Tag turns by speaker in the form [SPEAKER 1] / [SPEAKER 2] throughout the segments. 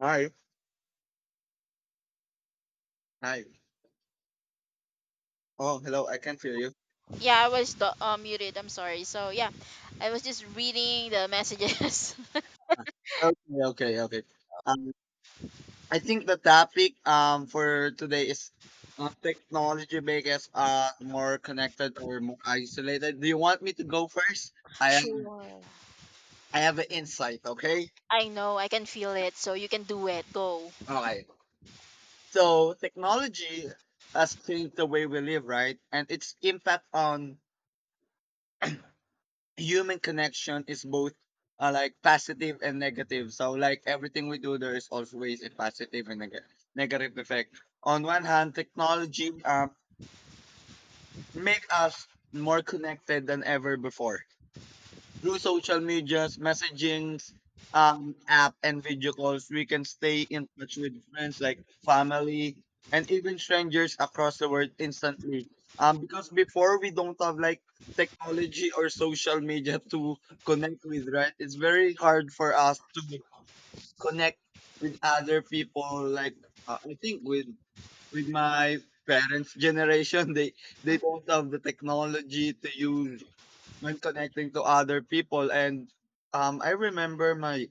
[SPEAKER 1] Hi. Hi. Oh, hello. I can feel you.
[SPEAKER 2] Yeah, I was the muted. I'm sorry. So yeah, I was just reading the messages.
[SPEAKER 1] Okay. Okay. Okay. Um, I think the topic for today is technology make us more connected or more isolated. Do you want me to go first? I am.
[SPEAKER 2] Sure.
[SPEAKER 1] I have an insight. Okay.
[SPEAKER 2] I know I can feel it. So you can do it. Go.
[SPEAKER 1] Okay. So technology has changed the way we live, right? And its impact on human connection is both like positive and negative. So like everything we do, there is always a positive and negative effect. On one hand, technology make us more connected than ever before. Through social medias, messaging, app, and video calls, we can stay in touch with friends like family and even strangers across the world instantly. Because before we don't have like technology or social media to connect with, right? It's very hard for us to connect with other people. Like I think with my parents' generation, they
[SPEAKER 2] Mhm.
[SPEAKER 1] don't have the technology to use. I'm connecting to other people, and I remember my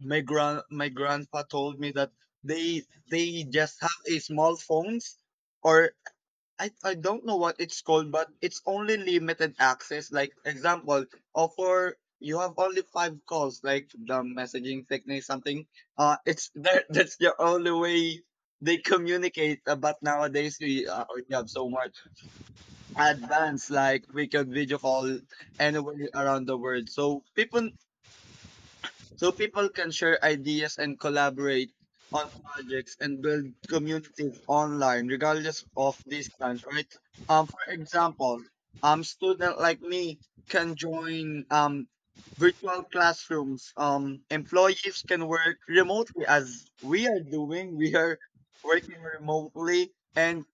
[SPEAKER 1] my grand my grandpa told me that they they just have a small phones, or I don't know what it's called, but it's only limited access, like example offer you have only five calls, like the messaging technique something, it's that's the only way they communicate. But nowadays we have so much advanced, like we can video call anywhere around the world. So people can share ideas and collaborate on projects and build communities online regardless of distance, right? For
[SPEAKER 2] Yes.
[SPEAKER 1] example, student like me can join virtual classrooms. Employees can work remotely, as we are doing. We are working remotely, and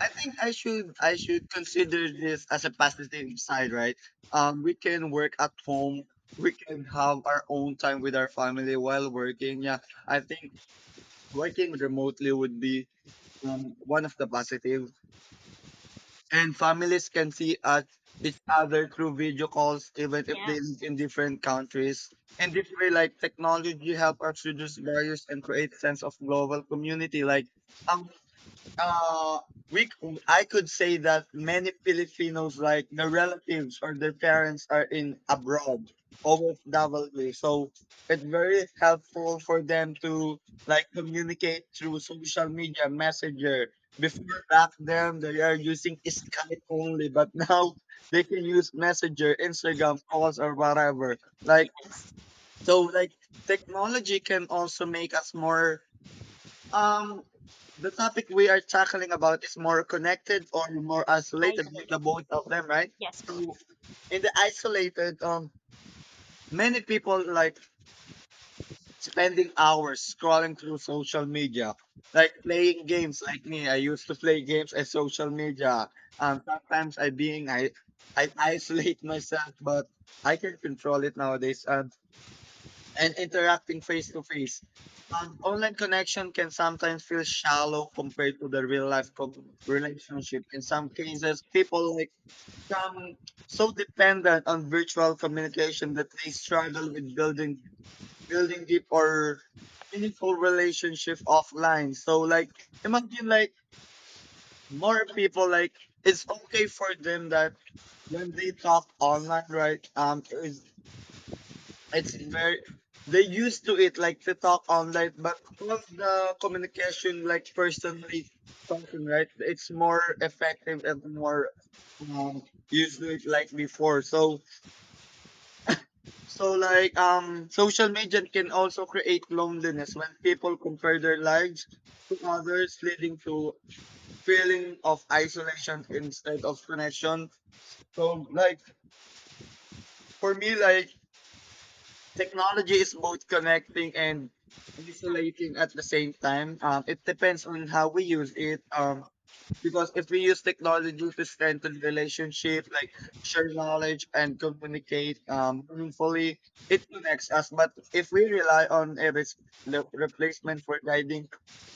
[SPEAKER 1] I think I should consider this as a positive side, right? We can work at home. We can have our own time with our family while working. Yeah, I think working remotely would be one of the positive. And families can see us each other through video calls, even if
[SPEAKER 2] Yeah.
[SPEAKER 1] they live in different countries. And this way, like, technology help us reduce barriers and create sense of global community. Like, um, uh, we I could say that many Filipinos, like their relatives or their parents, are in abroad, OFW. So it's very helpful for them to like communicate through social media, messenger. Before back then, they are using Skype only, but now they can use Messenger, Instagram calls, or whatever. Like,
[SPEAKER 2] Yes.
[SPEAKER 1] so, like, technology can also make us more, um, the topic we are tackling about is more connected or more isolated, the
[SPEAKER 2] Isolated.
[SPEAKER 1] both of them, right?
[SPEAKER 2] Yes, both.
[SPEAKER 1] So in the isolated, many people like spending hours scrolling through social media, like playing games. Like me, I used to play games at social media. Sometimes I being I isolate myself, but I can control it nowadays. And interacting face to face. Online connection can sometimes feel shallow compared to the real life relationship. In some cases, people like become so dependent on virtual communication that they struggle with building deep or meaningful relationship offline. So like imagine like more people like it's okay for them that when they talk online, right? It's very, they used to it like to talk online, but because the communication like personally talking, right? It's more effective and more um used to it like before. So so like social media can also create loneliness when people compare their lives to others, leading to feeling of isolation instead of connection. So like for me, like, technology is both connecting and isolating at the same time. It depends on how we use it. Because if we use technology to strengthen relationship, like share knowledge and communicate meaningfully, it connects us. But if we rely on a replacement for guiding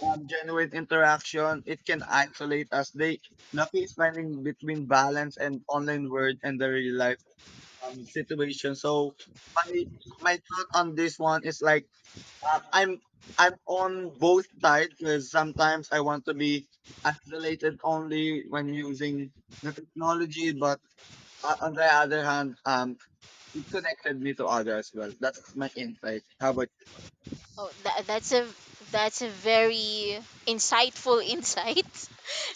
[SPEAKER 1] genuine interaction, it can isolate us. They lucky is finding between balance and online world and the real life, situation. So my my thought on this one is like uh, I'm I'm on both sides, because sometimes I want to be isolated only when using the technology, but on the other hand, it connected me to others as well. That's my insight. How about,
[SPEAKER 2] Oh, that's a that's a very insightful insight.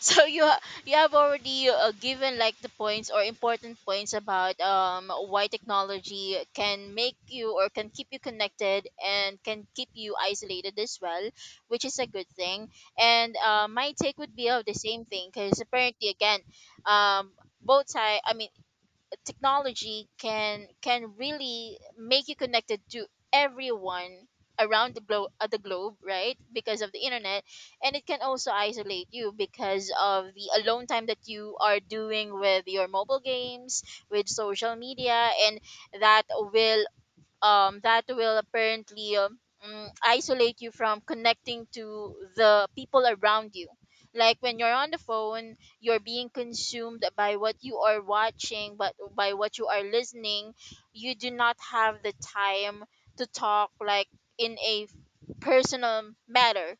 [SPEAKER 2] so you ha- you have already given like the points or important points about why technology can make you or can keep you connected and can keep you isolated as well, which is a good thing. And my take would be of the same thing because apparently again, um both side. I mean, technology can really make you connected to everyone around the globe, the globe, right, because of the internet. And it can also isolate you because of the alone time that you are doing with your mobile games, with social media, and that will that will apparently isolate you from connecting to the people around you. Like when you're on the phone, you're being consumed by what you are watching, but by what you are listening, you do not have the time to talk like in a personal matter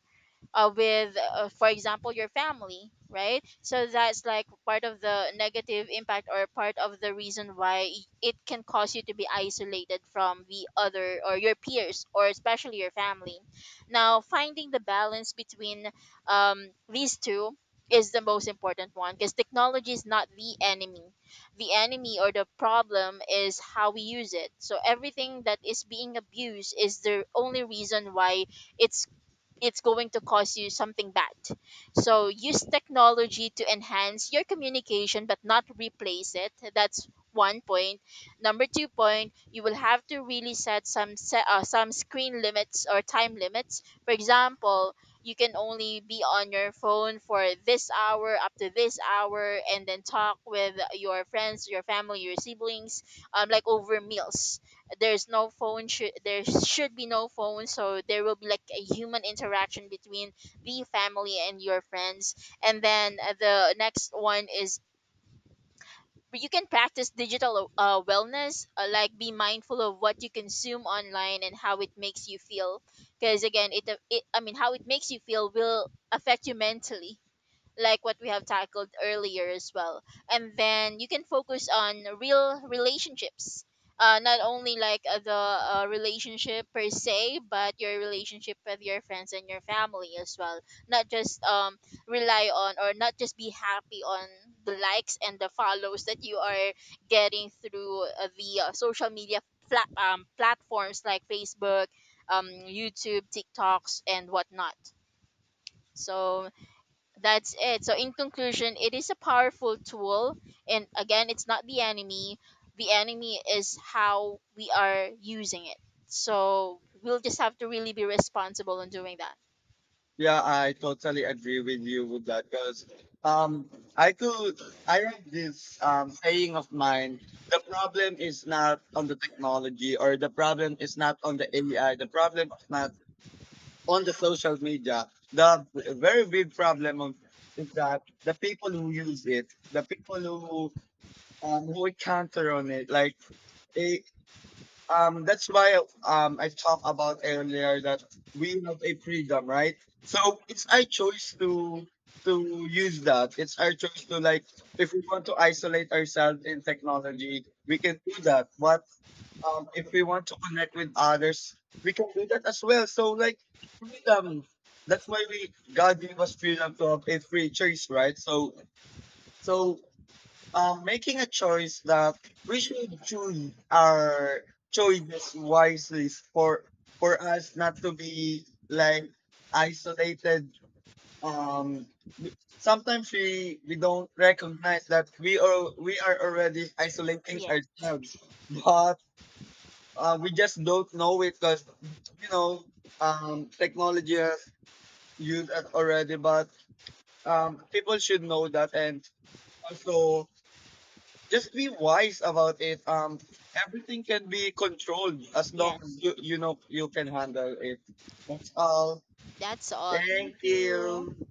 [SPEAKER 2] with, for example, your family, right? So that's like part of the negative impact or part of the reason why it can cause you to be isolated from the other or your peers or especially your family. Now, finding the balance between these two is the most important one, because technology is not the enemy. The enemy or the problem is how we use it. So everything that is being abused is the only reason why it's it's going to cause you something bad. So use technology to enhance your communication but not replace it. That's one point. Number two point, you will have to really set, some screen limits or time limits. For example, you can only be on your phone for this hour up to this hour, and then talk with your friends, your family, your siblings like over meals. There's no phone should there should be no phone, so there will be like a human interaction between the family and your friends. And then the next one is, you can practice digital wellness, like be mindful of what you consume online and how it makes you feel, because again it, I mean, how it makes you feel will affect you mentally, like what we have tackled earlier as well. And then you can focus on real relationships. Not only like the relationship per se, but your relationship with your friends and your family as well. Not just rely on, or not just be happy on the likes and the follows that you are getting through the social media flat platforms like Facebook, YouTube, TikToks, and whatnot. So that's it. So in conclusion, it is a powerful tool, and again, it's not the enemy. The enemy is how we are using it. So we'll just have to really be responsible in doing that.
[SPEAKER 1] yeah, I totally agree with you with that, because um I could I read this saying of mine, the problem is not on the technology, or the problem is not on the AI, the problem is not on the social media. The very big problem of is that the people who use it, the people who encounter on it, like, eh, that's why I talked about earlier that we have a freedom, right? So it's our choice to use that. It's our choice to like if we want to isolate ourselves in technology, we can do that. But if we want to connect with others, we can do that as well. So like freedom. That's why we God gave us freedom to have a free choice, right? So so making a choice that we should choose our choices wisely for us not to be like isolated. Um, sometimes we don't recognize that we are already isolating
[SPEAKER 2] Yes,
[SPEAKER 1] ourselves, but we just don't know it because you know technology has used us already. But people should know that and also just be wise about it. Everything can be controlled as long
[SPEAKER 2] yes.
[SPEAKER 1] as you can handle it. That's all.
[SPEAKER 2] That's all. Thank
[SPEAKER 1] Thank you.
[SPEAKER 2] you.